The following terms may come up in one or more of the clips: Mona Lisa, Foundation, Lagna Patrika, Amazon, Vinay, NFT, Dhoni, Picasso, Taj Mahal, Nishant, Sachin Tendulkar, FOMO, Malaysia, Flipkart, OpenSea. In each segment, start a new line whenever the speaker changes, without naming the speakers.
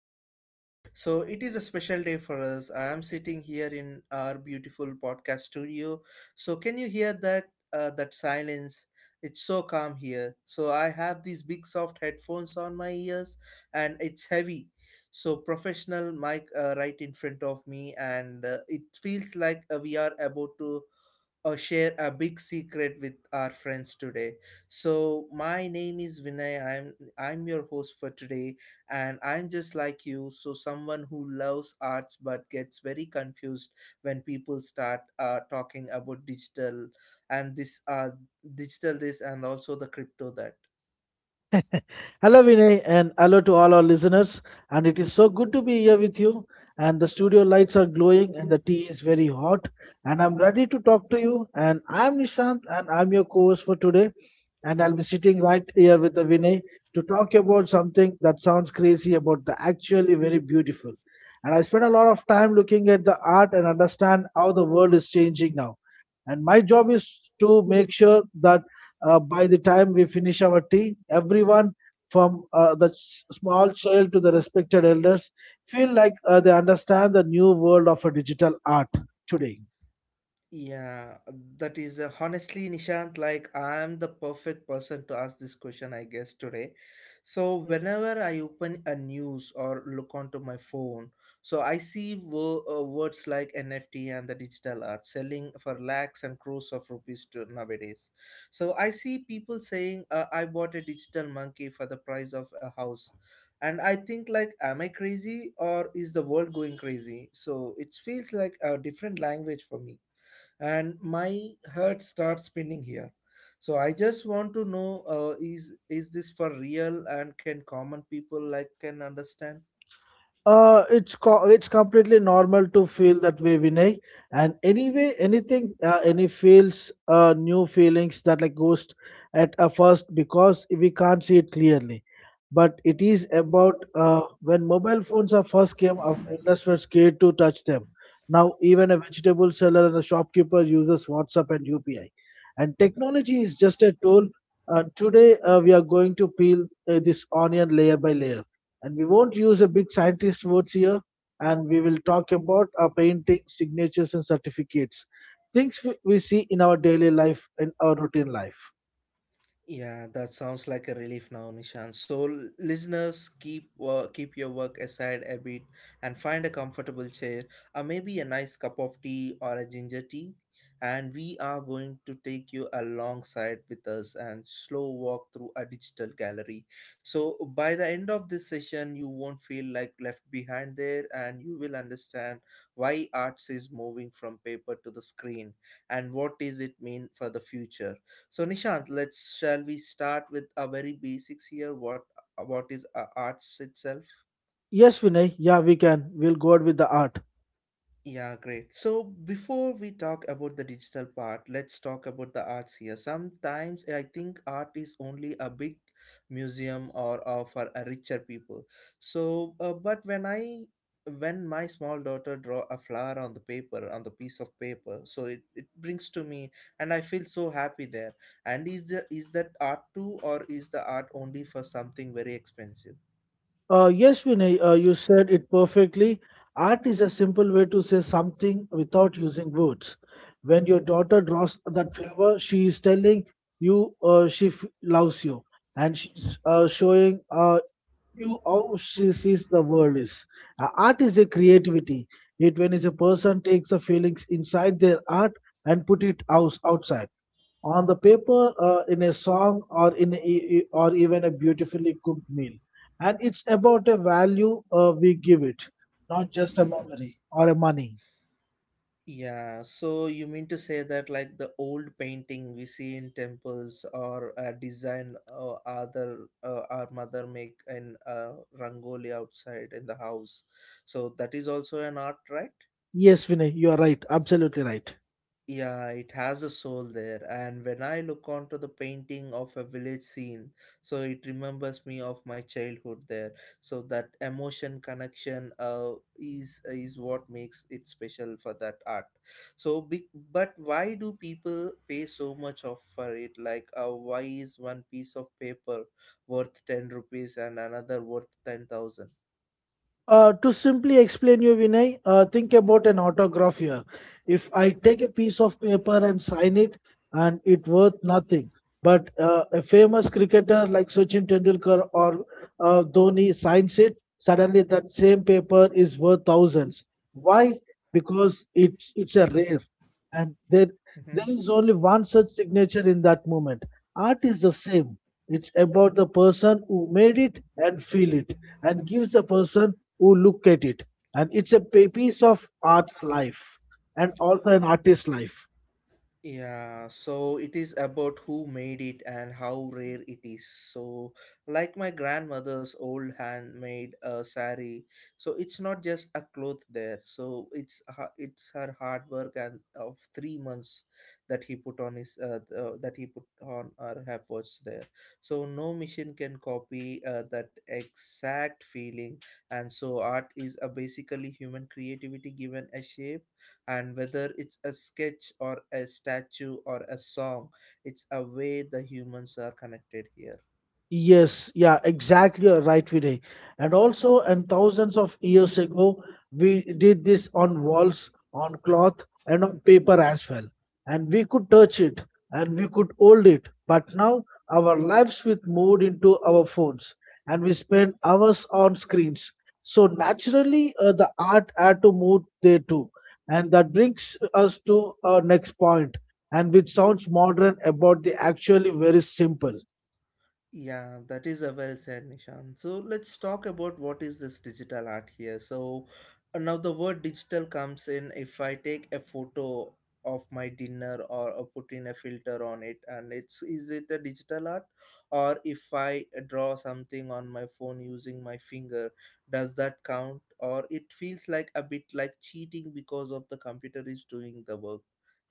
listening today. So, it is a special day for us. I am sitting here in our beautiful podcast studio. So, can you hear that that silence? It's so calm here. So, I have these big soft headphones on my ears and it's heavy. So, professional mic right in front of me and it feels like we are about to or share a big secret with our friends today. So my name is Vinay. I'm your host for today, and I'm just like you, so someone who loves arts but gets very confused when people start talking about digital and this and also the crypto that.
Hello, Vinay, and hello to all our listeners. And it is so good to be here with you. And the studio lights are glowing, and the tea is very hot. And I'm ready to talk to you. And I'm Nishant, and I'm your co-host for today. And I'll be sitting right here with the Vinay to talk about something that sounds crazy, about the actually very beautiful. And I spend a lot of time looking at the art and understand how the world is changing now. And my job is to make sure that by the time we finish our tea, everyone from the small child to the respected elders, feel like they understand the new world of a digital art today.
Yeah, that is honestly, Nishant, like I am the perfect person to ask this question, I guess, today. So, whenever I open a news or look onto my phone, so I see words like NFT and the digital art selling for lakhs and crores of rupees to nowadays. So, I see people saying, I bought a digital monkey for the price of a house. And I think like, am I crazy or is the world going crazy? So it feels like a different language for me and my heart starts spinning here, so I just want to know, is this for real, and can common people like can understand?
It's completely normal to feel that way, Vinay. And anyway, anything, any feels, new feelings that like ghost at a first because we can't see it clearly. But it is about when mobile phones are first came out, endless were scared to touch them. Now even a vegetable seller and a shopkeeper uses WhatsApp and UPI. And technology is just a tool. Today we are going to peel this onion layer by layer, and we won't use a big scientist words here, and we will talk about our painting signatures and certificates, things we see in our daily life in our routine life.
Yeah, that sounds like a relief now, Nishan. So, listeners, keep work, keep your work aside a bit and find a comfortable chair, or maybe a nice cup of tea or a ginger tea. And we are going to take you alongside with us and slow walk through a digital gallery. So, by the end of this session, you won't feel like left behind there, and you will understand why arts is moving from paper to the screen and what does it mean for the future. So Nishant, let's shall we start with a very basics here? What is arts itself?
Yes, Vinay, yeah, we'll go out with the art.
Yeah, great. So before we talk about the digital part, let's talk about the arts here. Sometimes I think art is only a big museum, or for a richer people. So, but when my small daughter draw a flower on the paper on the piece of paper, so it brings to me and I feel so happy there, and is the is that art too, or is the art only for something very expensive?
Yes, Vinay, you said it perfectly. Art is a simple way to say something without using words. When your daughter draws that flower, she is telling you she loves you. And she's showing you how she sees the world is. Art is a creativity. It when is a person takes the feelings inside their art and put it out outside on the paper, in a song, or in a, e- e, or even a beautifully cooked meal. And it's about a value we give it, not just a memory or a money.
Yeah, so you mean to say that like the old painting we see in temples, or design other our mother make in rangoli outside in the house. So that is also an art, right?
Yes, Vinay, you are right. Absolutely right.
Yeah, it has a soul there, and when I look onto the painting of a village scene, so it remembers me of my childhood there. So that emotion connection is what makes it special for that art. So, big, but why do people pay so much of for it? Like, why is one piece of paper worth 10 rupees and another worth 10,000?
To simply explain you, Vinay, think about an autograph here. If I take a piece of paper and sign it, and it worth nothing, but a famous cricketer like Sachin Tendulkar or Dhoni signs it, suddenly that same paper is worth thousands. Why? Because it's a rare, and there is only one such signature in that moment. Art is the same. It's about the person who made it and feel it, and gives the person who look at it, and it's a piece of art's life and also an artist's life.
Yeah, so it is about who made it and how rare it is. So, like my grandmother's old handmade sari, so it's not just a cloth there. So it's her hard work and of 3 months that he put on her efforts there. So no machine can copy that exact feeling, and so art is a basically human creativity given a shape, and whether it's a sketch or a statue or a song, it's a way the humans are connected here.
Yes, yeah, exactly you're right, Vinay. And also, and thousands of years ago, we did this on walls, on cloth, and on paper as well. And we could touch it and we could hold it. But now our lives with moved into our phones, and we spend hours on screens. So naturally, the art had to move there too. And that brings us to our next point, and which sounds modern about the actually very simple.
Yeah, that is a well said, Nishan. So let's talk about what is this digital art here. So now the word digital comes in. If I take a photo of my dinner, or put in a filter on it, and it's is it a digital art, or if I draw something on my phone using my finger, does that count? Or it feels like a bit like cheating because of the computer is doing the work,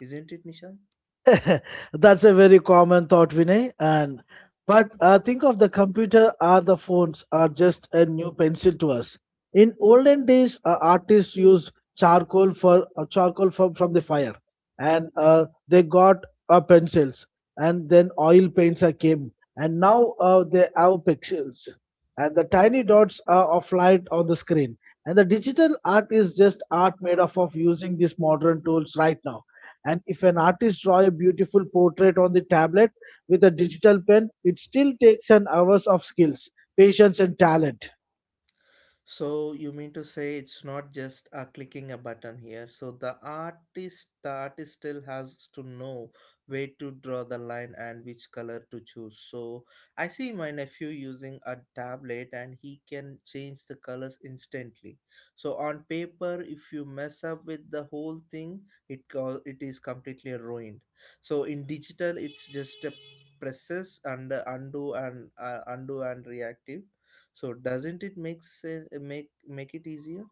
isn't it, Nishan?
That's a very common thought, Vinay. And but think of the computer or the phones are just a new pencil to us. In olden days, artists used charcoal for from the fire, and they got pencils, and then oil paints are came, and now they have pixels, and the tiny dots of light on the screen. And the digital art is just art made up of using these modern tools right now. And if an artist draws a beautiful portrait on the tablet with a digital pen, it still takes an hours of skills, patience, and talent.
So you mean to say it's not just clicking a button here. So the artist still has to know where to draw the line and which color to choose. So I see my nephew using a tablet, and he can change the colors instantly. So on paper, if you mess up with the whole thing, it is completely ruined. So in digital, it's just a presses and undo and undo and reactive, so doesn't it makes make make it easier?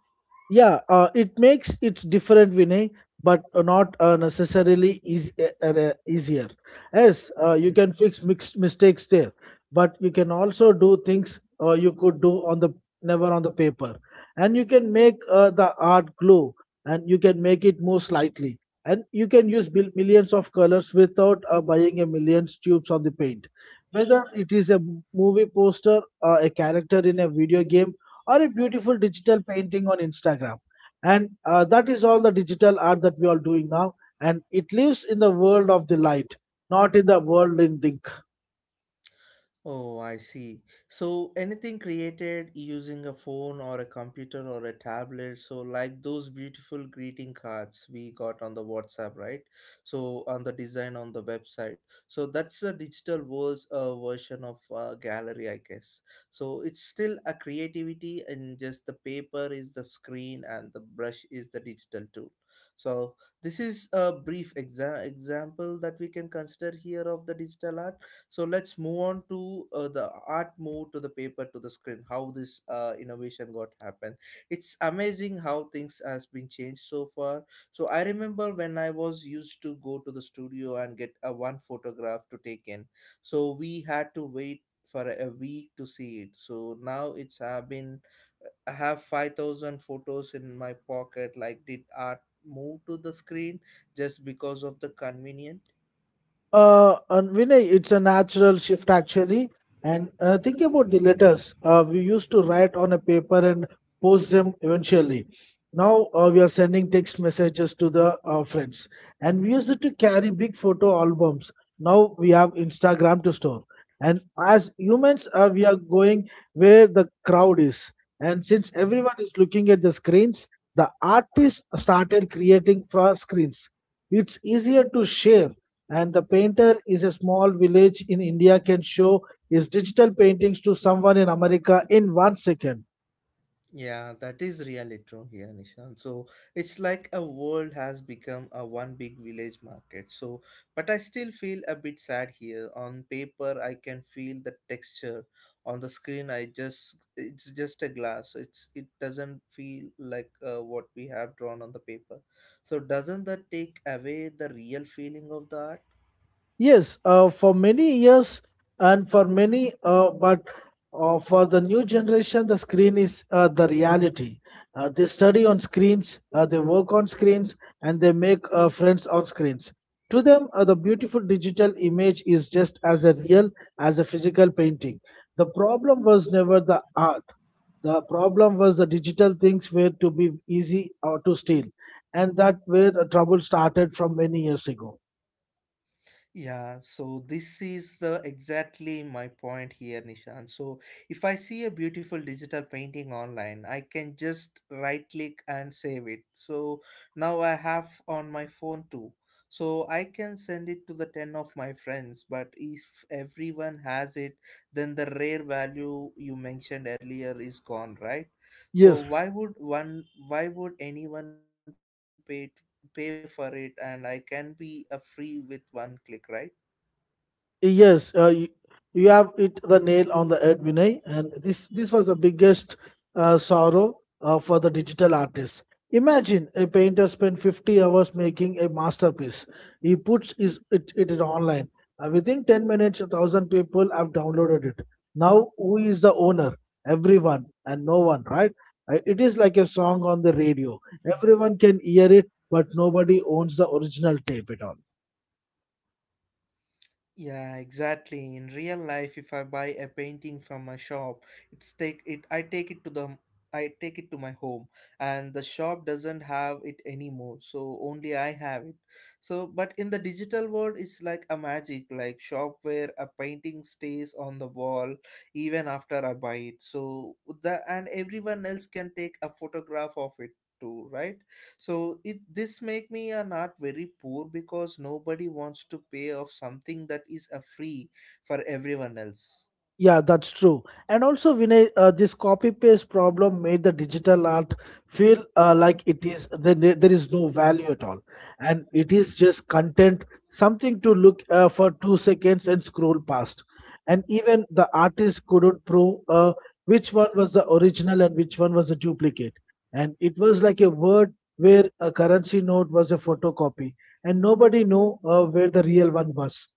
Yeah, it's different, Vinay, but not necessarily easier. Yes, you can
Mhm.
fix mixed mistakes there, but you can also do things you could do on the never on the paper, and you can make the art glow, and you can make it move slightly, and you can use millions of colors without buying a million tubes on the paint. Whether it is a movie poster, a character in a video game, or a beautiful digital painting on Instagram. And that is all the digital art that we are doing now. And it lives in the world of the light, not in the world in ink.
Oh, I see. So anything created using a phone or a computer or a tablet, so like those beautiful greeting cards we got on the WhatsApp, right? So on the design on the website. So that's the digital world's version of gallery, I guess. So it's still a creativity, and just the paper is the screen and the brush is the digital tool. So this is a brief example that we can consider here of the digital art. So let's move on to the art move to the paper to the screen, how this innovation got happened. It's amazing how things has been changed so far. So I remember when I was used to go to the studio and get a one photograph to take in, so we had to wait for a week to see it. So now it's have been I have 5000 photos in my pocket. Like, did art move to the screen just because of the convenient?
And Vinay, it's a natural shift actually. And think about the letters we used to write on a paper and post them eventually. Now we are sending text messages to the friends, and we used to carry big photo albums. Now we have Instagram to store. And as humans, we are going where the crowd is. And since
Mm-hmm.
everyone is looking at the screens, the artist started creating for screens. It's easier to share, and the painter is a small village in India can show his digital paintings to someone in America in 1 second.
Yeah, that is really true here, Nishan. So it's like a world has become a one big village market. So, but I still feel a bit sad here. On paper, I can feel the texture. On the screen, I just it's just a glass. It's it doesn't feel like what we have drawn on the paper. So doesn't that take away the real feeling of the art?
Yes, for many years and for many, but for the new generation, the screen is the reality. They study on screens, they work on screens, and they make friends on screens. To them, the beautiful digital image is just as a real as a physical painting. The problem was never the art. The problem was the digital things were to be easy or to steal, and that where the trouble started from many years ago.
Yeah, so this is the exactly my point here, Nishan. So if I see a beautiful digital painting online, I can just right click and save it. So now I have on my phone too. So I can send it to the 10 of my friends, but if everyone has it, then the rare value you mentioned earlier is gone, right? So
Yes,
why would anyone pay to, pay for it, and I can be a free with one click, right?
yes, you have hit the nail on the head, Vinay, and this was the biggest sorrow for the digital artist. Imagine a painter spent 50 hours making a masterpiece. He puts it online. Within 10 minutes, a thousand people have downloaded it. Now, who is the owner? Everyone and no one, right? It is like a song on the radio. Everyone can hear it, but nobody owns the original tape at all.
Yeah, exactly. In real life, if I buy a painting from a shop, it's take it. I take it to the. I take it to my home, and the shop doesn't have it anymore. So only I have it. So, but in the digital world, it's like a magic, like shop where a painting stays on the wall even after I buy it. So the and everyone else can take a photograph of it too, right? So it this make me an art very poor because nobody wants to pay off something that is a free for everyone else.
Yeah, that's true. And also, Vinay, this copy paste problem made the digital art feel like it is there is no value at all, and it is just content, something to look for 2 seconds and scroll past. And even the artist couldn't prove which one was the original and which one was a duplicate. And it was like a word where a currency note was a photocopy, and nobody knew where the real one was.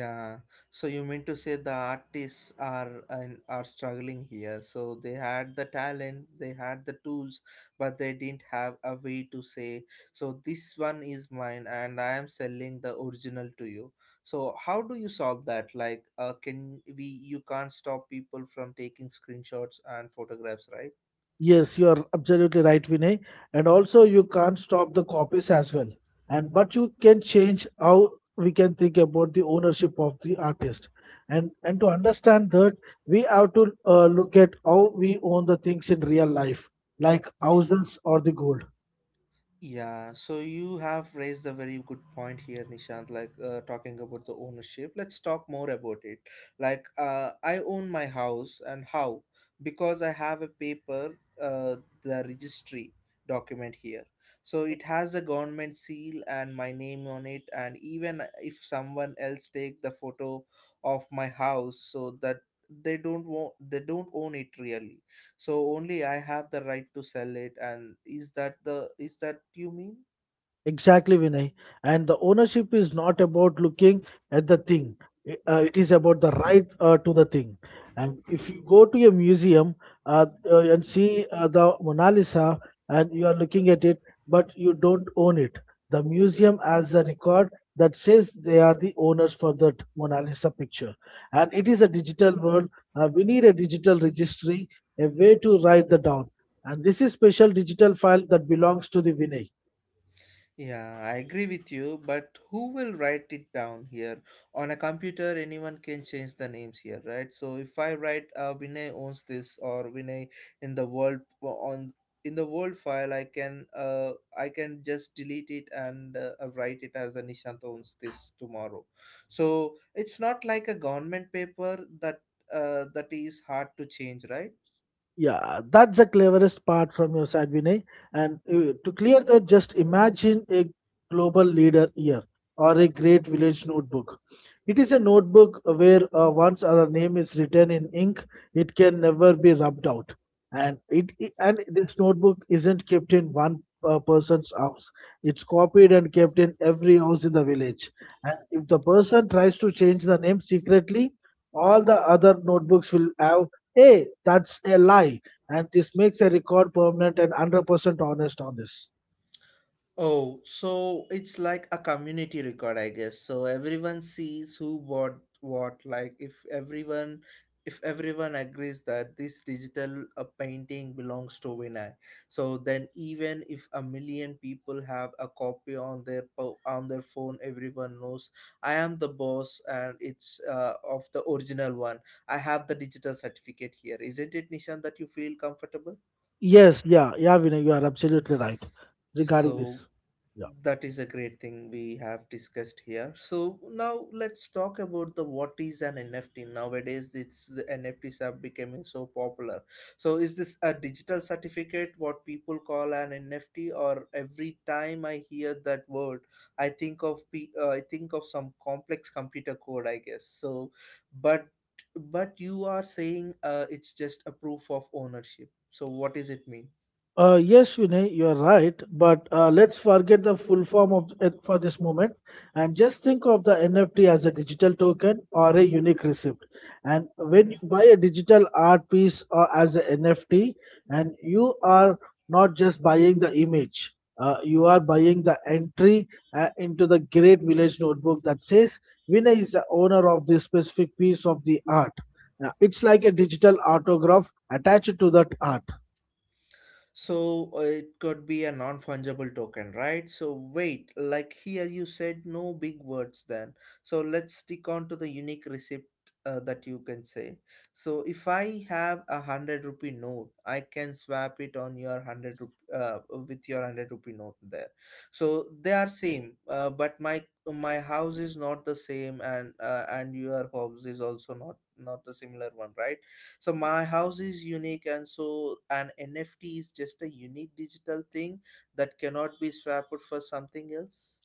Yeah. So you mean to say the artists are and are struggling here. So they had the talent, they had the tools, but they didn't have a way to say, so this one is mine and I am selling the original to you. So how do you solve that? Like, can we you can't stop people from taking screenshots and photographs, right?
Yes, you are absolutely right, Vinay. And also, you can't stop the copies as well. And but you can change how we can think about the ownership of the artist. And to understand that, we have to look at how we own the things in real life, like houses or the gold.
Yeah, so you have raised a very good point here, Nishant. Like, talking about the ownership, let's talk more about it. Like, I own my house, and how? Because I have a paper, the registry document here. So it has a government seal and my name on it. And even if someone else take the photo of my house, so that they don't own it really, so only I have the right to sell it, and is that the is that you mean?
Exactly, Vinay. And the ownership is not about looking at the thing, it is about the right to the thing. And if you go to a museum and see the Mona Lisa, and you are looking at it, but you don't own it, the museum has a record that says they are the owners for that Mona Lisa picture. And it is a digital world. We need a digital registry, a way to write the down. And this is special digital file that belongs to the Vinay.
Yeah, I agree with you, but who will write it down here? On a computer, anyone can change the names here, right? So if I write Vinay owns this, or Vinay in the world on in the world file, I can just delete it and write it as a Nishant owns this tomorrow. So it's not like a government paper that that is hard to change, right?
Yeah, that's the cleverest part from your side, Vinay. And to clear that, just imagine a global leader year or a great village notebook. It is a notebook where once our name is written in ink, it can never be rubbed out. And this notebook isn't kept in one person's house. It's copied and kept in every house in the village. And if the person tries to change the name secretly, all the other notebooks will have, "Hey, that's a lie." And this makes a record permanent and 100% honest on this.
Oh, so it's like a community record, I guess. So everyone sees who bought what. If everyone agrees that this digital painting belongs to Vinay, so then even if a million people have a copy on their on their phone, everyone knows I am the boss and it's of the original one. I have the digital certificate here. Isn't it, Nishan, that you feel comfortable?
Yes, yeah, yeah, Vinay, you are absolutely right regarding
So
this. Yeah.
That is a great thing we have discussed here. So now let's talk about the what is an NFT. Nowadays, This the NFTs are becoming so popular. So is this a digital certificate, what people call an NFT, or every time I hear that word, I think of I think of some complex computer code, I guess. So, but but you are saying it's just a proof of ownership. So what does it mean?
Yes, Vinay, you're right. But let's forget the full form of it for this moment and just think of the NFT as a digital token or a unique receipt. And when
Mm-hmm.
you buy a digital art piece as an NFT, and you are not just buying the image, you are buying the entry into the great village notebook that says Vinay is the owner of this specific piece of the art. It's like a digital autograph attached to that art.
So it could be a non-fungible token, right? So wait, like here you said no big words then. So let's stick on to the unique receipt that you can say. So if I have a hundred rupee note, I can swap it on your with your hundred rupee note there. So they are same, but my house is not the same, and and your house is also not the similar one, right? So my house is unique, and so an NFT is just a unique digital thing that cannot be swapped for something else.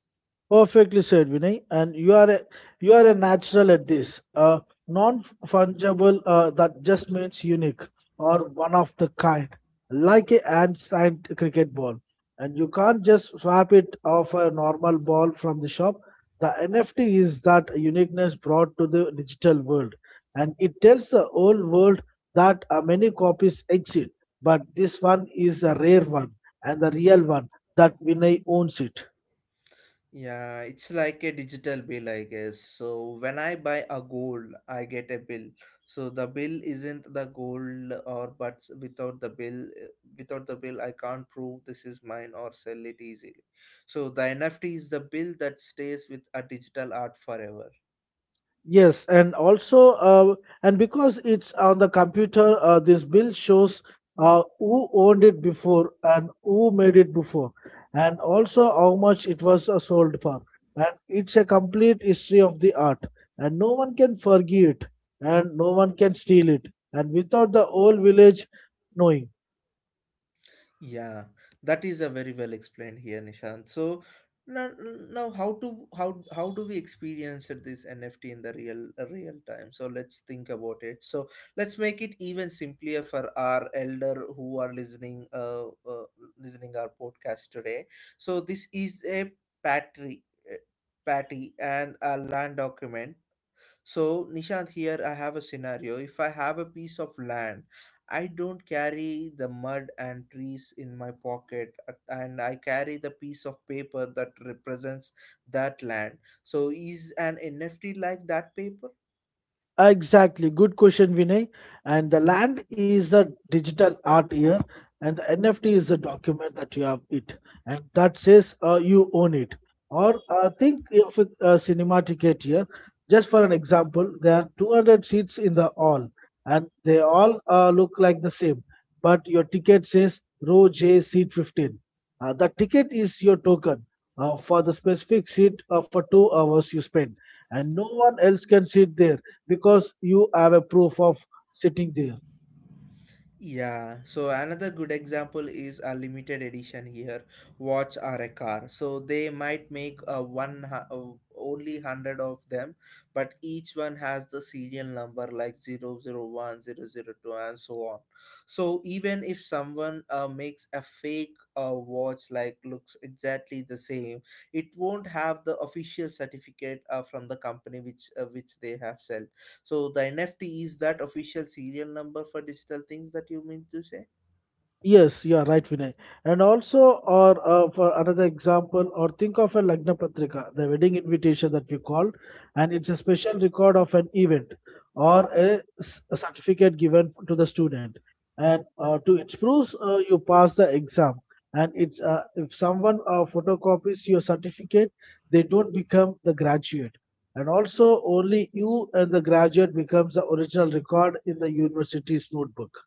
Perfectly said, Vinay. And you are a natural at this. Non-fungible that just means unique or one of the kind, like a hand-signed cricket ball. And you can't just swap it off a normal ball from the shop. The NFT is that uniqueness brought to the digital world, and it tells the whole world that many copies exist, but this one is a rare one and the real one that Vinay owns it.
Yeah, it's like a digital bill, I guess. So when I buy a gold, I get a bill. So the bill isn't the gold, or but without the bill, without the bill I can't prove this is mine or sell it easily. So the NFT is the bill that stays with a digital art forever.
Yes, and also, and because it's on the computer, this bill shows who owned it before and who made it before, and also how much it was sold for. And it's a complete history of the art, and no one can forgive it, and no one can steal it, and without the whole village knowing.
Yeah, that is a very well explained here, Nishant. So now, now, how to how do we experience it, this NFT in the real real time? So let's think about it. So let's make it even simpler for our elder who are listening listening our podcast today. So this is a patri uh, patty and a land document. So, Nishant, here I have a scenario. If I have a piece of land, I don't carry the mud and trees in my pocket, and I carry the piece of paper that represents that land. So, is an NFT like that paper?
Exactly. Good question, Vinay. And the land is the digital art here, and the NFT is the document that you have it, and that says you own it. Or think of a cinema ticket here. Just for an example, there are 200 seats in the hall, and they all look like the same, but your ticket says row J seat 15. The ticket is your token for the specific seat for 2 hours you spend, and no one else can sit there because you have a proof of sitting there.
Yeah, so another good example is a limited edition here. Watch are a car. So they might make a only 100 of them, but each one has the serial number like zero zero one zero zero two and so on. So even if someone makes a fake watch like looks exactly the same, it won't have the official certificate from the company which they have sell. So the NFT is that official serial number for digital things that you mean to say?
Yes, you are right, Vinay. And also, or for another example, or think of a Lagna Patrika, the wedding invitation that we call, and it's a special record of an event or a, a certificate given to the student. And to it proves you pass the exam. And it's if someone photocopies your certificate, they don't become the graduate. And also, only you and the graduate becomes the original record in the university's notebook.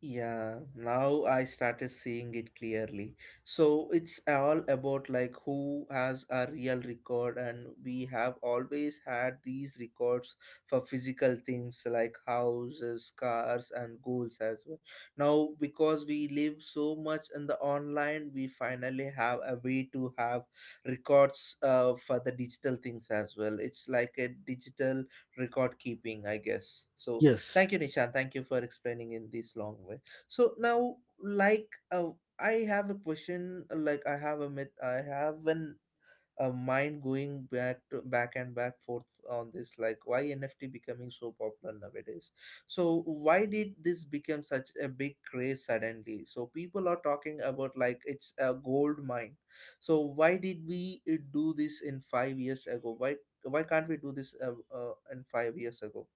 Yeah, now I started seeing it clearly. So it's all about like who has a real record, and we have always had these records for physical things like houses, cars, and goals as well. Now, because we live so much in the online, we finally have a way to have records for the digital things as well. It's like a digital record keeping, I guess. So
Yes.
thank you, Nishan. Thank you for explaining in this long way. So now, like, I have a question. Like, I have a myth. I have an A mind going back to back and back forth on this. Like, why NFT becoming so popular nowadays? So why did this become such a big craze suddenly? So people are talking about like it's a gold mine. So why did we do this in 5 years ago? Why can't we do this in 5 years ago?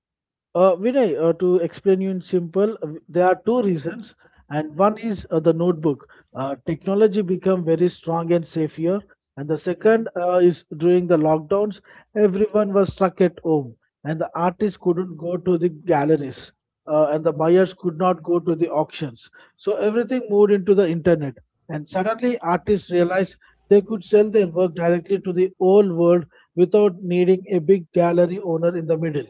Vinay, to explain you in simple, there are two reasons, and one is the notebook. Technology become very strong and safe here, and the
Mm-hmm.
second is during the lockdowns, everyone was stuck at home, and the artists couldn't go to the galleries, and the buyers could not go to the auctions. So everything moved into the internet, and suddenly artists realized they could sell their work directly to the whole world without needing a big gallery owner in the middle.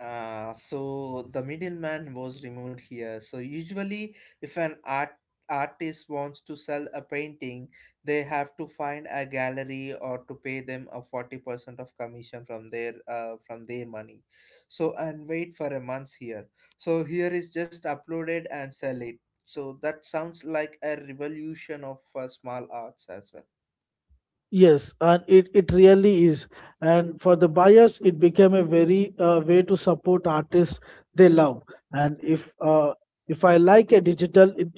So the middleman was removed here. So usually, if an artist wants to sell a painting, they have to find a gallery or to pay them a 40% of commission from their money. So and wait for a month here. So here is just uploaded and sell it. So that sounds like a revolution of small arts as well.
Yes, and it really is. And for the buyers, it became a very way to support artists they love. And if I like a digital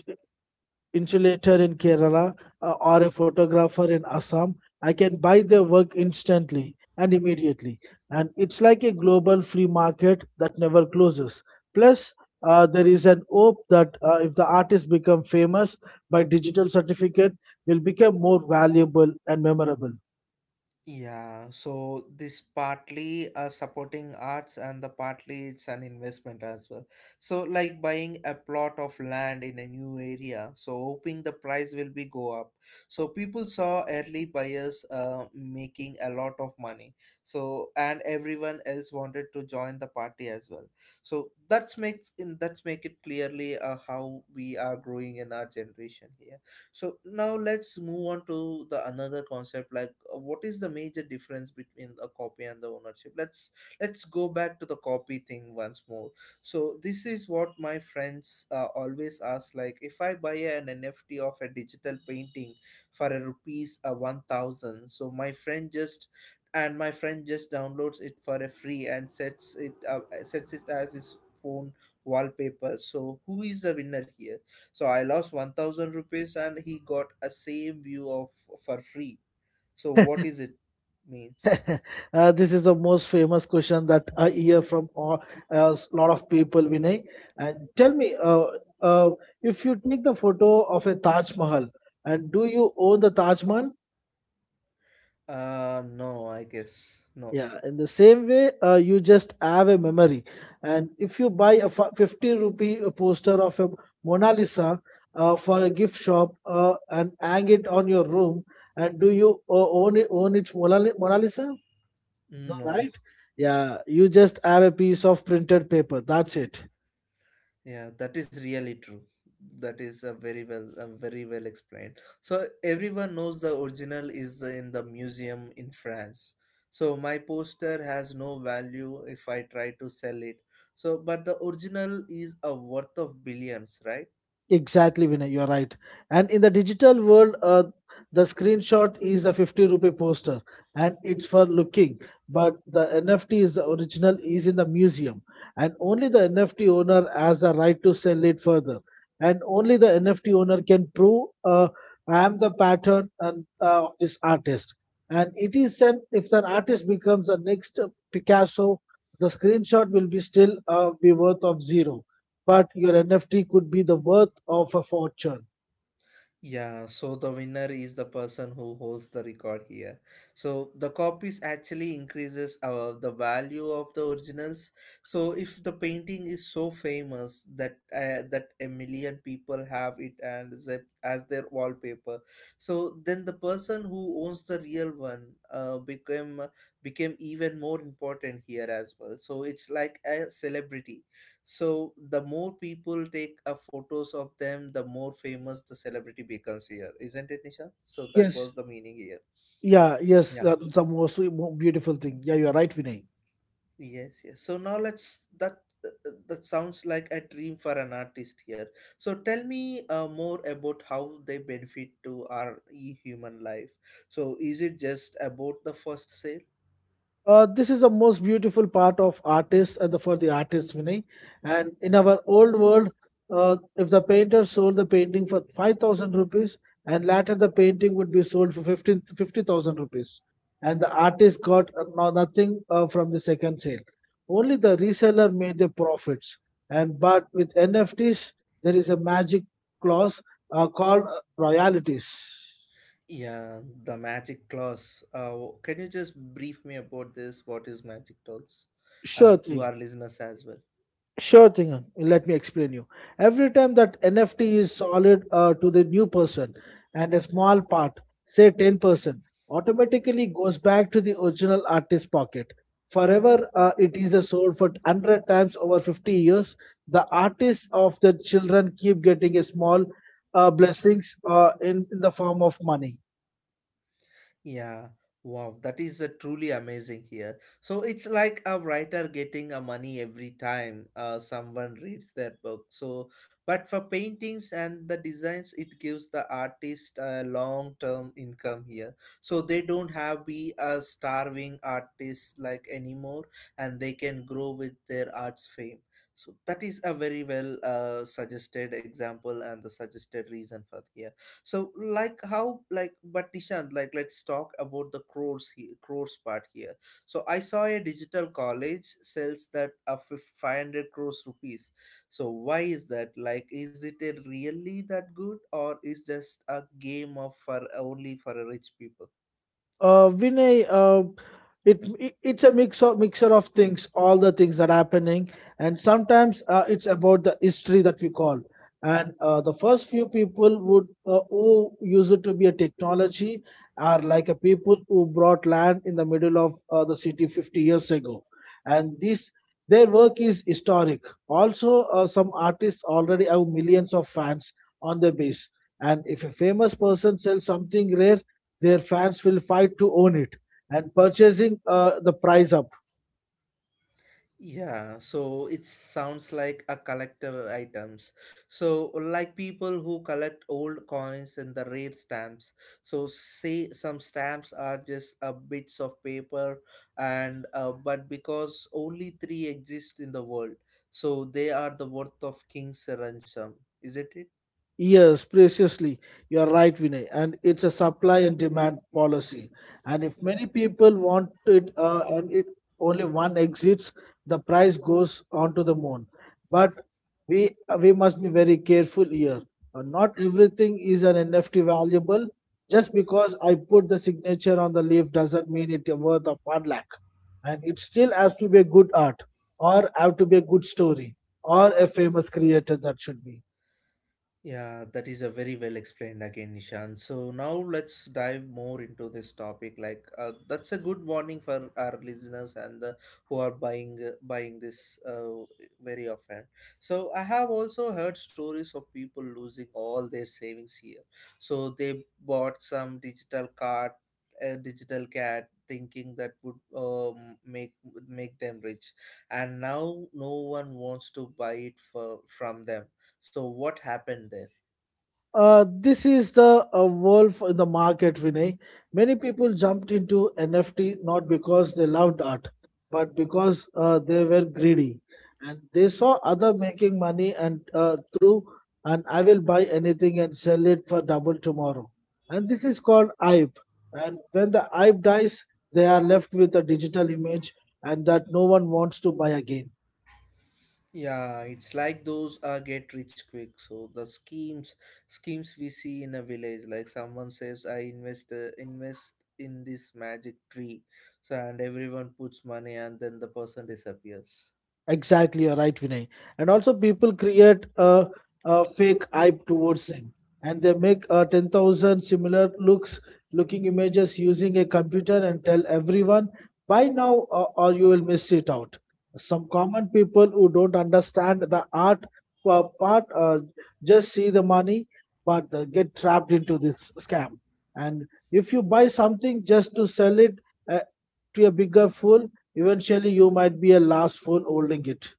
insulator in Kerala or a photographer in Assam, I can buy their work instantly and immediately. And it's like a global free market that never closes. Plus, there is an hope that if the artist become famous, by digital certificate will become more valuable and memorable.
Yeah, so this partly supporting arts and the partly it's an investment as well. So like buying a plot of land in a new area, so hoping the price will be go up. So people saw early buyers making a lot of money. So and everyone else wanted to join the party as well. So that's make it clearly how we are growing in our generation here. So now let's move on to the another concept, like what is the major difference between the copy and the ownership. Let's go back to the copy thing once more. So this is what my friends always ask, like if I buy an NFT of a digital painting for a rupees a 1000, so my friend just downloads it for a free and sets it as his phone wallpaper. So who is the winner here? So I lost 1000 rupees, and he got a same view of for free. So what
uh,
is it means?
this is the most famous question that I hear from a lot of people, Vinay. And tell me, uh, if you take the photo of a Taj Mahal, and do you own the Taj Mahal?
Uh, no, I guess no.
Yeah, in the same way, you just have a memory. And if you buy a 50 rupee poster of a Mona Lisa for a gift shop and hang it on your room, and do you own it Mona Lisa? No,
Mm, no.
right? Yeah, you just have a piece of printed paper. That's it.
Yeah, that is really true. That is a very well very well explained. So everyone knows the original is in the museum in France. So my poster has no value if I try to sell it. So but the original is a worth of billions, right?
Exactly, Vinay, you're right. And in the digital world, the screenshot is a 50 rupee poster and it's for looking, but the NFT is the original is in the museum and only the NFT owner has a right to sell it further. And only the NFT owner can prove I am the pattern and of this artist. And it is an if an artist becomes the next Picasso, the screenshot will be still be worth of zero but your NFT could be the worth of a fortune.
Yeah, so the winner is the person who holds the record here. So the copies actually increases the value of the originals. So if the painting is so famous that a million people have it and as their wallpaper, so then the person who owns the real one became even more important here as well. So it's like a celebrity. So the more people take photos of them, the more famous the celebrity becomes here, isn't it, Nisha? So that
Yes.
was the meaning here.
Yeah, yes,
Yeah.
the most beautiful thing. Yeah, you are right, Vinay.
Yes so now let's that sounds like a dream for an artist here. So tell me more about how they benefit to our human life. So is it just about the first sale?
This is the most beautiful part of artists and the, for the artist, Vinay. And in our old world, if the painter sold the painting for 5,000 rupees and later the painting would be sold for 15 50,000 rupees, and the artist got nothing from the second sale. Only the reseller made the profits. And but with NFTs, there is a magic clause called royalties.
Yeah, the magic clause. Can you just brief me about this, what is magic dolls,
Sure
and to
thing.
our listeners as well?
Sure thing, Ang. Let me explain you. Every time that NFT is solid to the new person and a small part, say 10%, automatically goes back to the original artist's pocket. Forever, it is a sold for 100 times over 50 years. The artists of the children keep getting a small blessings in the form of money.
Yeah, wow, that is truly amazing here. So it's like a writer getting a money every time someone reads their book. So, but for paintings and the designs, it gives the artist a long-term income here. So they don't have be a starving artist like anymore, and they can grow with their art's fame. So that is a very well suggested example and the suggested reason for here. So like how, like but Nishant, like let's talk about the crores here, crores part here. So I saw a digital college sells that a 500 crores rupees. So why is that? Like is it a really that good, or is just a game of for only for a rich people?
Vinay, it's a mix of mixture of things, all the things that are happening, and sometimes it's about the history that we call. And the first few people would who use it to be a technology are like a people who brought land in the middle of the city 50 years ago, and this their work is historic. Also, some artists already have millions of fans on their base. And if a famous person sells something rare, their fans will fight to own it and purchasing the price up.
Yeah, so it sounds like a collector items. So like people who collect old coins and the rare stamps. So say some stamps are just a bits of paper, and but because only three exist in the world, so they are the worth of king's ransom. Isn't it?
Yes, preciously. You are right, Vinay. And it's a supply and demand policy. And if many people want it and it only one exits, the price goes onto the moon. But we must be very careful here. Not everything is an NFT valuable. Just because I put the signature on the leaf doesn't mean it's worth of one lakh. And it still has to be a good art, or have to be a good story, or a famous creator that should be.
Yeah, that is a very well explained again, Nishan. So now let's dive more into this topic. Like that's a good warning for our listeners and the, who are buying this very often. So I have also heard stories of people losing all their savings here. So they bought some digital card, a digital cat, thinking that would make them rich, and now no one wants to buy it for from them. So what happened there?
This is the wolf in the market, Vinay. Many people jumped into NFT not because they loved art, but because they were greedy and they saw other making money and through and I will buy anything and sell it for double tomorrow. And this is called hype. And when the hype dies, they are left with a digital image and that no one wants to buy again.
Yeah, it's like those get rich quick. So the schemes we see in a village, like someone says, "I invest in this magic tree," so and everyone puts money, and then the person disappears.
Exactly, you're right, Vinay. And also, people create a fake hype towards them, and they make 10,000 similar looking images using a computer and tell everyone buy now or you will miss it out. Some common people who don't understand the art part just see the money, but they get trapped into this scam. And if you buy something just to sell it uh, to a bigger fool, eventually you might be a last phone holding it.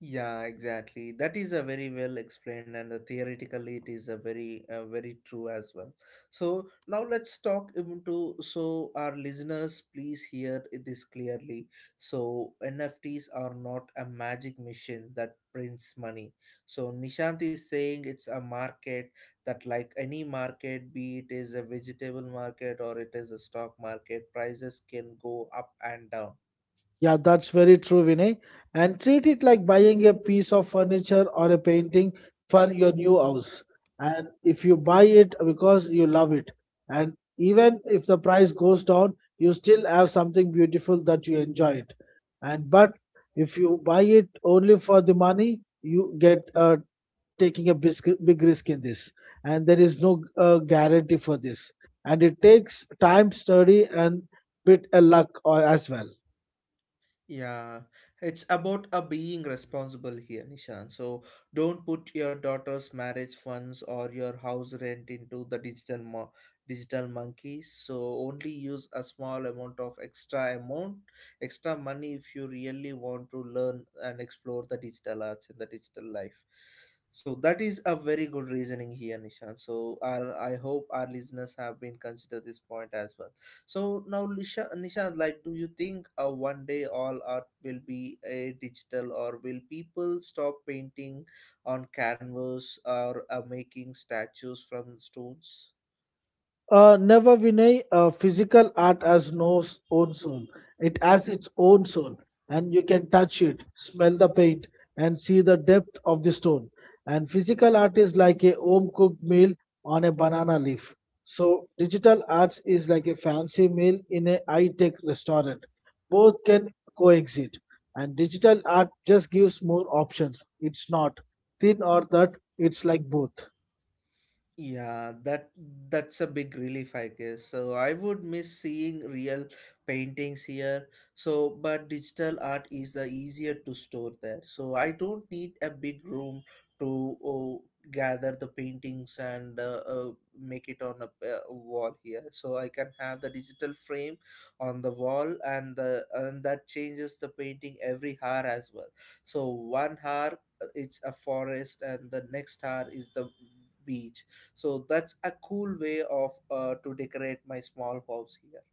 Yeah, exactly. That is a very well explained, and the theoretically it is a very, very true as well. So now let's talk into, so our listeners, please hear this clearly. So NFTs are not a magic machine that prints money. So Nishant is saying it's a market that, like any market, be it is a vegetable market or it is a stock market, prices can go up and down.
Yeah, that's very true, Vinay. And treat it like buying a piece of furniture or a painting for your new house. And if you buy it because you love it, and even if the price goes down, you still have something beautiful that you enjoy it. And but if you buy it only for the money, you get taking a big risk in this, and there is no guarantee for this. And it takes time, study, and bit a luck as well.
Yeah, it's about a being responsible here, Nishan. So don't put your daughter's marriage funds or your house rent into the digital monkeys. So only use a small amount of extra amount, extra money if you really want to learn and explore the digital arts in the digital life. So that is a very good reasoning here, Nishan. So our, I hope our listeners have been consider this point as well. So now, Nisha, like, do you think one day all art will be a digital, or will people stop painting on canvas or making statues from stones?
Never Vinay, physical art has no own soul. It has its own soul, and you can touch it, smell the paint, and see the depth of the stone. And physical art is like a home cooked meal on a banana leaf. So digital arts is like a fancy meal in a high tech restaurant. Both can coexist, and digital art just gives more options. It's not thin or that. It's like both.
Yeah, that's a big relief, I guess. So I would miss seeing real paintings here. So, but digital art is the easier to store there. So I don't need a big room to gather the paintings and make it on a wall here. So I can have the digital frame on the wall, and the and that changes the painting every hour as well. So one hour it's a forest, and the next hour is the beach, so that's a cool way of to decorate my small house here.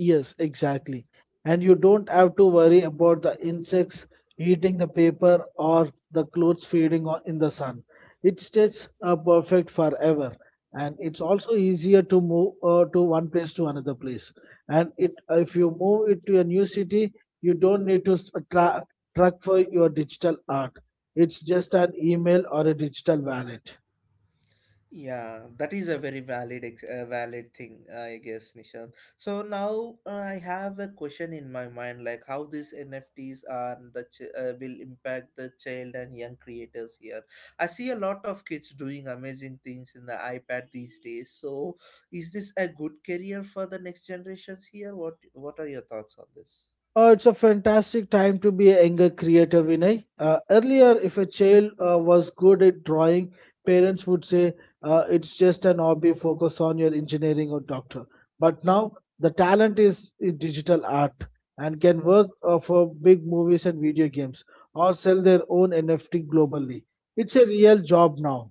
Yes, exactly. And you don't have to worry about the insects eating the paper or the clothes fading in the sun. It stays perfect forever. And it's also easier to move to one place to another place. And it, if you move it to a new city, you don't need to track for your digital art. It's just an email or a digital wallet.
Yeah, that is a very valid valid thing, I guess, Nishant. So now, I have a question in my mind, like how these NFTs are the will impact the child and young creators here. I see a lot of kids doing amazing things in the iPad these days, so is this a good career for the next generations here? What are your thoughts on this?
It's a fantastic time to be a younger creator, Vinay. Earlier, if a child was good at drawing, parents would say it's just an hobby, focus on your engineering or doctor. But now, the talent is in digital art and can work for big movies and video games or sell their own NFT globally. It's a real job now.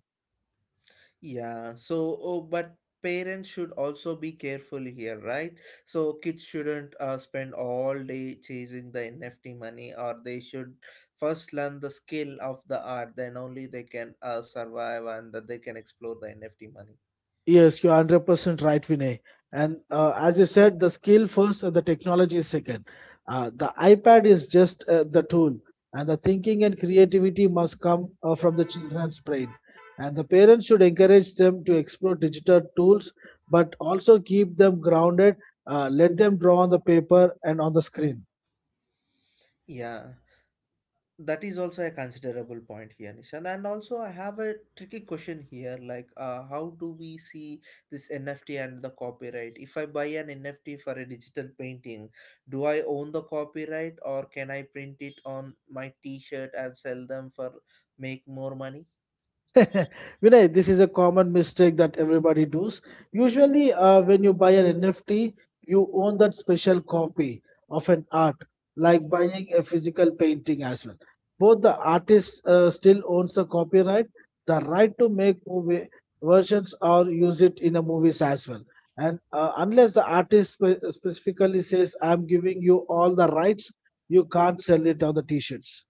Yeah, so but parents should also be careful here, right? So kids shouldn't spend all day chasing the NFT money, or they should first learn the skill of the art, then only they can survive and that they can explore the NFT money.
Yes, you're 100% right, Vinay. And as you said, the skill first and the technology is second. The iPad is just the tool, and the thinking and creativity must come from the children's brain. And the parents should encourage them to explore digital tools, but also keep them grounded. Let them draw on the paper and on the screen.
Yeah, that is also a considerable point here, Nishant. And also I have a tricky question here, like how do we see this NFT and the copyright? If I buy an NFT for a digital painting, do I own the copyright, or can I print it on my t-shirt and sell them for make more money?
Vinay, this is a common mistake that everybody does. Usually, when you buy an NFT, you own that special copy of an art, like buying a physical painting as well. Both the artist still owns the copyright, the right to make movie versions or use it in a movies as well. And unless the artist specifically says, "I'm giving you all the rights," you can't sell it on the T-shirts.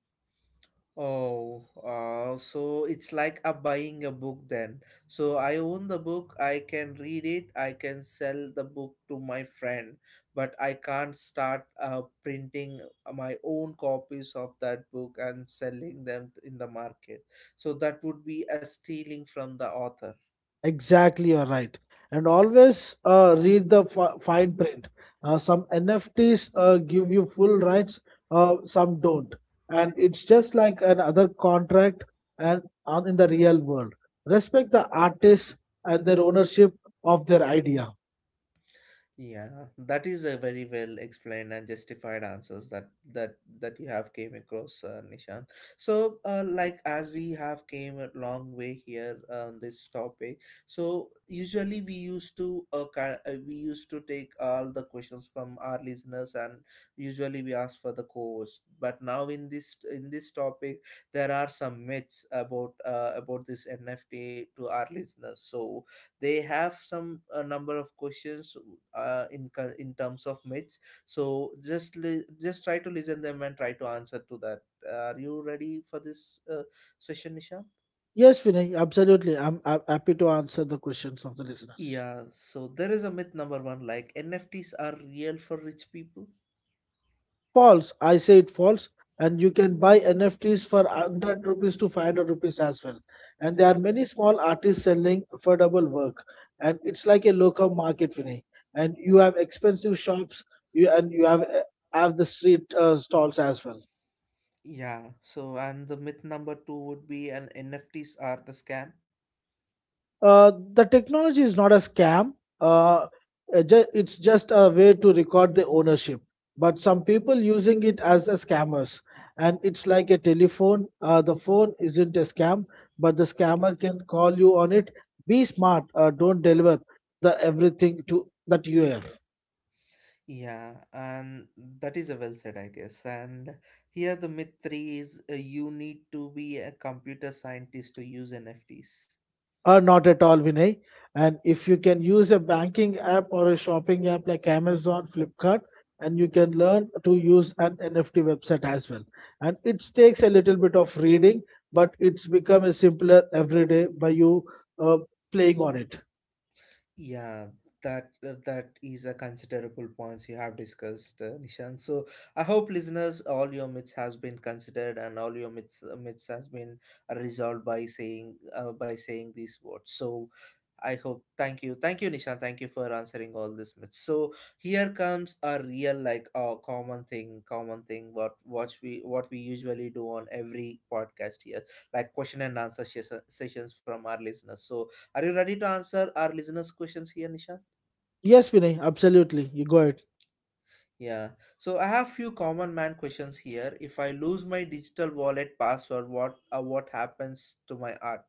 Oh, so it's like a buying a book then. So I own the book, I can read it, I can sell the book to my friend, but I can't start printing my own copies of that book and selling them in the market. So that would be a stealing from the author.
Exactly, you're right. And always read the fine print. Some NFTs give you full rights, some don't. And it's just like another contract and on in the real world. Respect the artists and their ownership of their idea.
Yeah, that is a very well explained and justified answers that you have came across, Nishan. So, like as we have came a long way here on this topic, so usually we used to we used to take all the questions from our listeners and usually we ask for the co-host. But now in this topic, there are some myths about this NFT to our listeners. So they have some number of questions in terms of myths, so just try to listen them and try to answer to that. Are you ready for this session, Nisha?
Yes, Vinay, absolutely. I'm happy to answer the questions of the listeners.
Yeah, so there is a myth number one, like NFTs are real for rich people.
False. I say it false. And you can buy NFTs for 100 rupees to 500 rupees as well. And there are many small artists selling affordable work. And it's like a local market, Vinay. And you have expensive shops and you have the street stalls as well.
Yeah, so and the myth number two would be an NFTs are the scam.
The technology is not a scam. Uh, it's just a way to record the ownership. But some people using it as a scammers, and it's like a telephone. The phone isn't a scam, but the scammer can call you on it. Be smart. Don't deliver the everything to that you are.
Yeah, and that is a well said, I guess. And here the myth three is, you need to be a computer scientist to use NFTs.
Or not at all, Vinay. And if you can use a banking app or a shopping app like Amazon, Flipkart, and you can learn to use an NFT website as well. And it takes a little bit of reading, but it's become a simpler every day by you uh, playing on it.
Yeah, that is a considerable points you have discussed, Nishan. So I hope listeners, all your myths has been considered and all your myths has been resolved by saying these words. So I hope. Thank you, Nishan. Thank you for answering all these myths. So here comes a real like a common thing, common thing. What we usually do on every podcast here, like question and answer session, sessions from our listeners. So are you ready to answer our listeners' questions here, Nishant?
Yes, Vinay, absolutely. You go ahead.
Yeah. So I have few common man questions here. If I lose my digital wallet password, what happens to my art?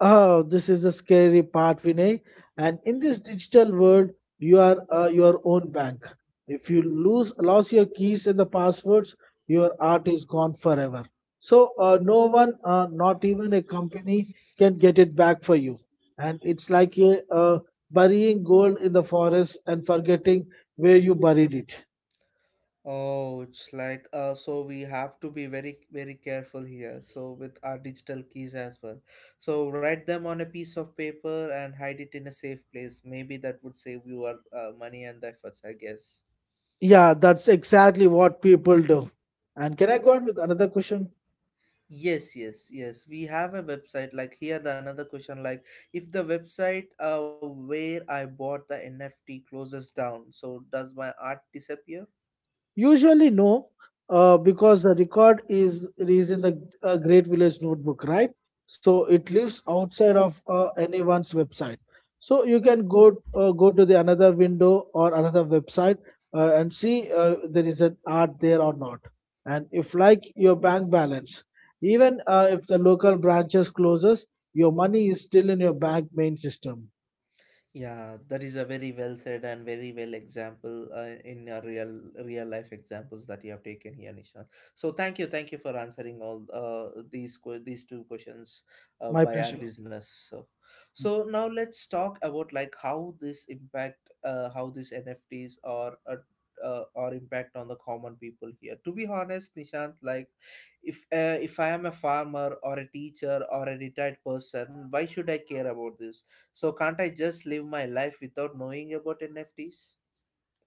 Oh, this is a scary part, Vinay. And in this digital world, you are your own bank. If you lose your keys and the passwords, your art is gone forever. So no one, not even a company, can get it back for you. And it's like burying gold in the forest and forgetting where you buried it.
Oh, it's like so we have to be very very careful here. So with our digital keys as well. So write them on a piece of paper and hide it in a safe place. Maybe that would save your money and efforts, I guess.
Yeah, that's exactly what people do. And can I go on with another question?
Yes, yes, yes. We have a website. Like here, the another question. Like if the website where I bought the NFT closes down, so does my art disappear?
Usually, no, because the record is in the Great Village Notebook, right? So it lives outside of anyone's website. So you can go to the another window or another website and see there is an art there or not. And if like your bank balance, even if the local branches closes, your money is still in your bank main system.
Yeah, that is a very well said and very well example in a real real life examples that you have taken here, Nisha. So thank you for answering all these these two questions
My
by our
pleasure.
listeners. So, so now let's talk about like how this impact, how these NFTs are. Or impact on the common people here, to be honest, Nishant. Like if I am a farmer or a teacher or a retired person, why should I care about this, so can't I just live my life without knowing about NFTs?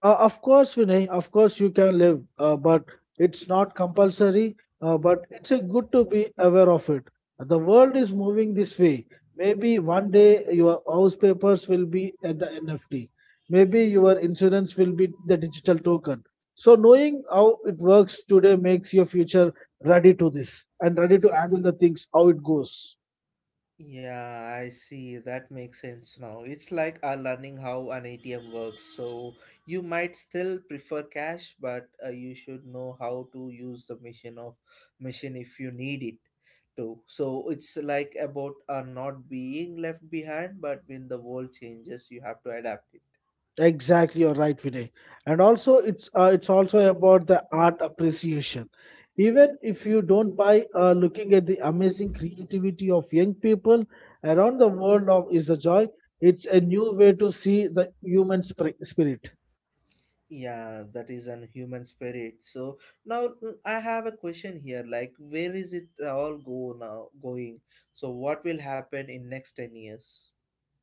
Of course, Vinay, of course you can live, but it's not compulsory. But it's a good to be aware of it. The world is moving this way. Maybe one day your house papers will be at the NFT. Maybe your insurance will be the digital token. So knowing how it works today makes your future ready to this and ready to handle the things how it goes.
Yeah, I see. That makes sense now. It's like learning how an ATM works. So you might still prefer cash, but you should know how to use the machine if you need it to. So it's like about not being left behind, but when the world changes, you have to adapt it.
Exactly, you're right, Vinay. And also, it's also about the art appreciation. Even if you don't buy, looking at the amazing creativity of young people around the world of is a joy. It's a new way to see the human spirit.
Yeah, that is an human spirit. So now, I have a question here, like where is it all go now going? So what will happen in next 10 years?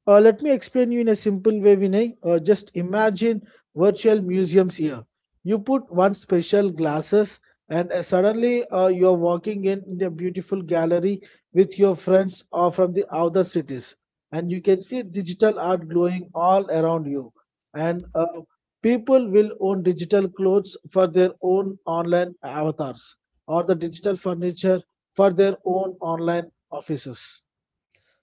Let me explain you in a simple way, Vinay. Just imagine virtual museums here. You put one special glasses, and suddenly you're walking in a beautiful gallery with your friends or from the other cities, and you can see digital art glowing all around you. And people will own digital clothes for their own online avatars, or the digital furniture for their own online offices.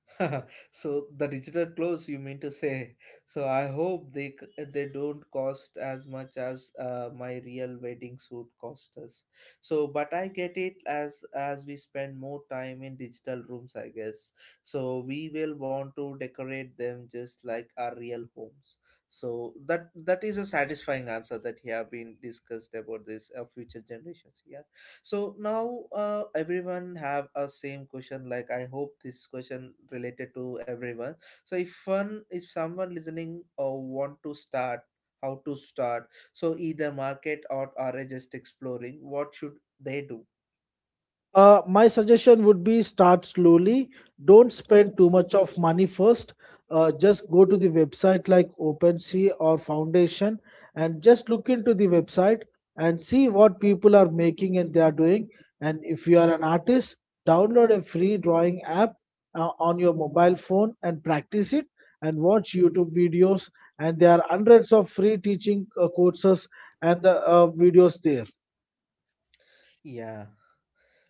So the digital clothes, you mean to say. So I hope they they don't cost as much as my real wedding suit cost us. So but I get it as we spend more time in digital rooms, I guess. So we will want to decorate them just like our real homes. So that is a satisfying answer that you have been discussed about this future generations. Yeah, so now everyone have a same question, like I hope this question related to everyone. So if someone listening or want to start, how to start? So either market or are just exploring, what should they do?
My suggestion would be start slowly. Don't spend too much of money first. Just go to the website like OpenSea or Foundation and just look into the website and see what people are making and they are doing. And if you are an artist, download a free drawing app on your mobile phone and practice it and watch YouTube videos. And there are hundreds of free teaching courses and the videos there.
Yeah.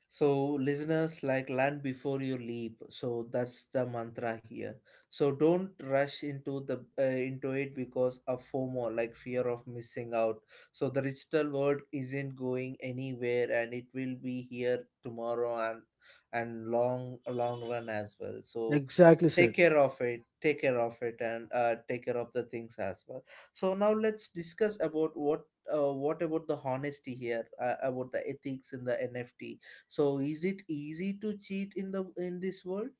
So, listeners, like land before you leap. So that's the mantra here. So don't rush into the into it because of FOMO, like fear of missing out. So the digital world isn't going anywhere, and it will be here tomorrow and long long run as well. So
Exactly said.
take care of it, and take care of the things as well. So now let's discuss about what about the honesty here, about the ethics in the NFT. So is it easy to cheat in the in this world?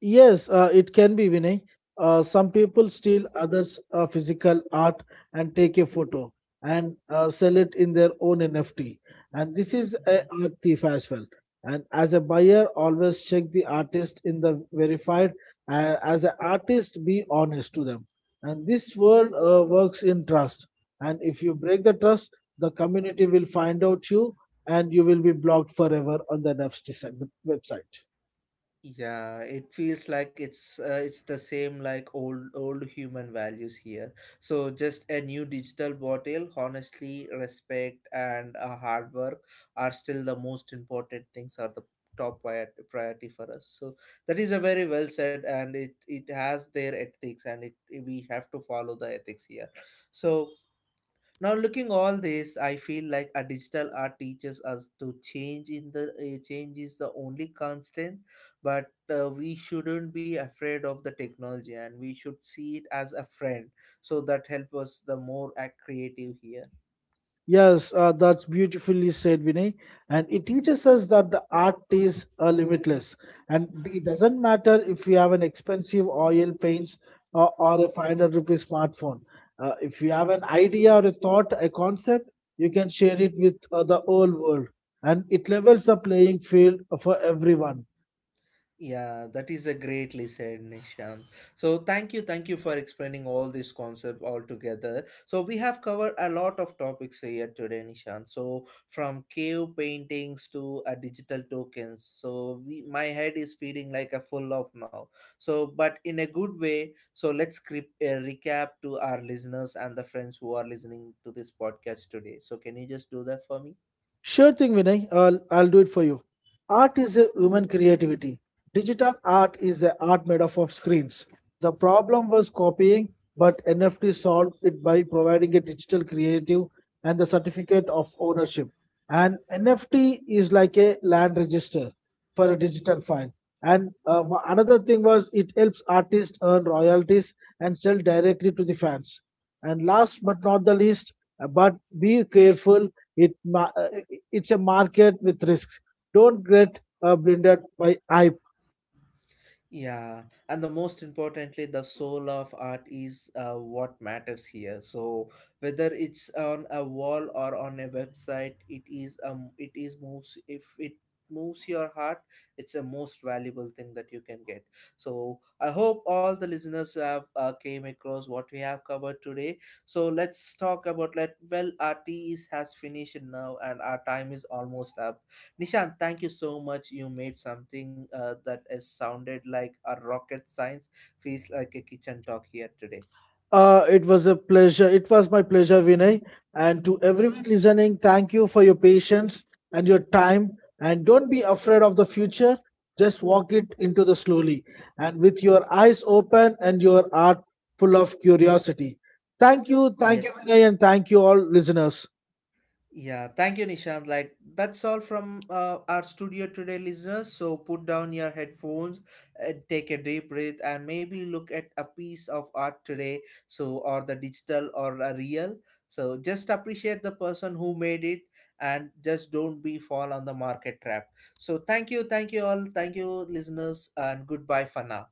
Yes, it can be Vinay. Some people steal others' physical art and take a photo and sell it in their own NFT. And this is a
Mhm.
art thief as well. And as a buyer, always check the artist in the verified. As an artist, be honest to them. And this world works in trust. And if you break the trust, the community will find out you, and you will be blocked forever on the NFT website.
Yeah, it feels like it's the same like old old human values here. So just a new digital bottle, honestly, respect and hard work are still the most important things are the priority for us. So that is a very well said and it has their ethics and it we have to follow the ethics here. So now, looking all this, I feel like a digital art teaches us to change. In the change is the only constant, but we shouldn't be afraid of the technology, and we should see it as a friend. So that help us the more creative here.
Yes, that's beautifully said, Vinay. And it teaches us that the art is limitless. And it doesn't matter if you have an expensive oil paints or a 500 rupee smartphone. If you have an idea or a thought, a concept, you can share it with the whole world. And it levels the playing field for everyone.
Yeah, that is a greatly said, Nishant. So thank you for explaining all this concept all together. So we have covered a lot of topics here today, Nishant. So from cave paintings to digital tokens. So we, my head is feeling like a full of now. So but in a good way. So let's recap to our listeners and the friends who are listening to this podcast today. So can you just do that for me?
Sure thing, Vinay. I'll do it for you. Art is a human creativity. Digital art is a art made up of screens. The problem was copying, but NFT solved it by providing a digital creative and the certificate of ownership. And NFT is like a land register for a digital file. And another thing was it helps artists earn royalties and sell directly to the fans. And last but not the least, but be careful it ma- uh, it's a market with risks. Don't get blinded by hype.
Yeah, and the most importantly, the soul of art is what matters here. So whether it's on a wall or on a website, it is moves. If it moves your heart, it's a most valuable thing that you can get. So I hope all the listeners who have came across what we have covered today. So let's talk about let well, our tea is, has finished now and our time is almost up. Nishant, thank you so much. You made something that has sounded like a rocket science, feels like a kitchen talk here today.
It was a pleasure. It was my pleasure, Vinay. And to everyone listening, thank you for your patience and your time. And don't be afraid of the future. Just walk it into the slowly and with your eyes open and your heart full of curiosity. Thank
Yeah.
you, Vinay, and thank you all listeners.
Yeah, thank you, Nishant. Like, that's all from our studio today, listeners. So, put down your headphones, take a deep breath, and maybe look at a piece of art today. So, or the digital or a real. So, just appreciate the person who made it and just don't be fall on the market trap. So, thank you all, thank you, listeners, and goodbye for now.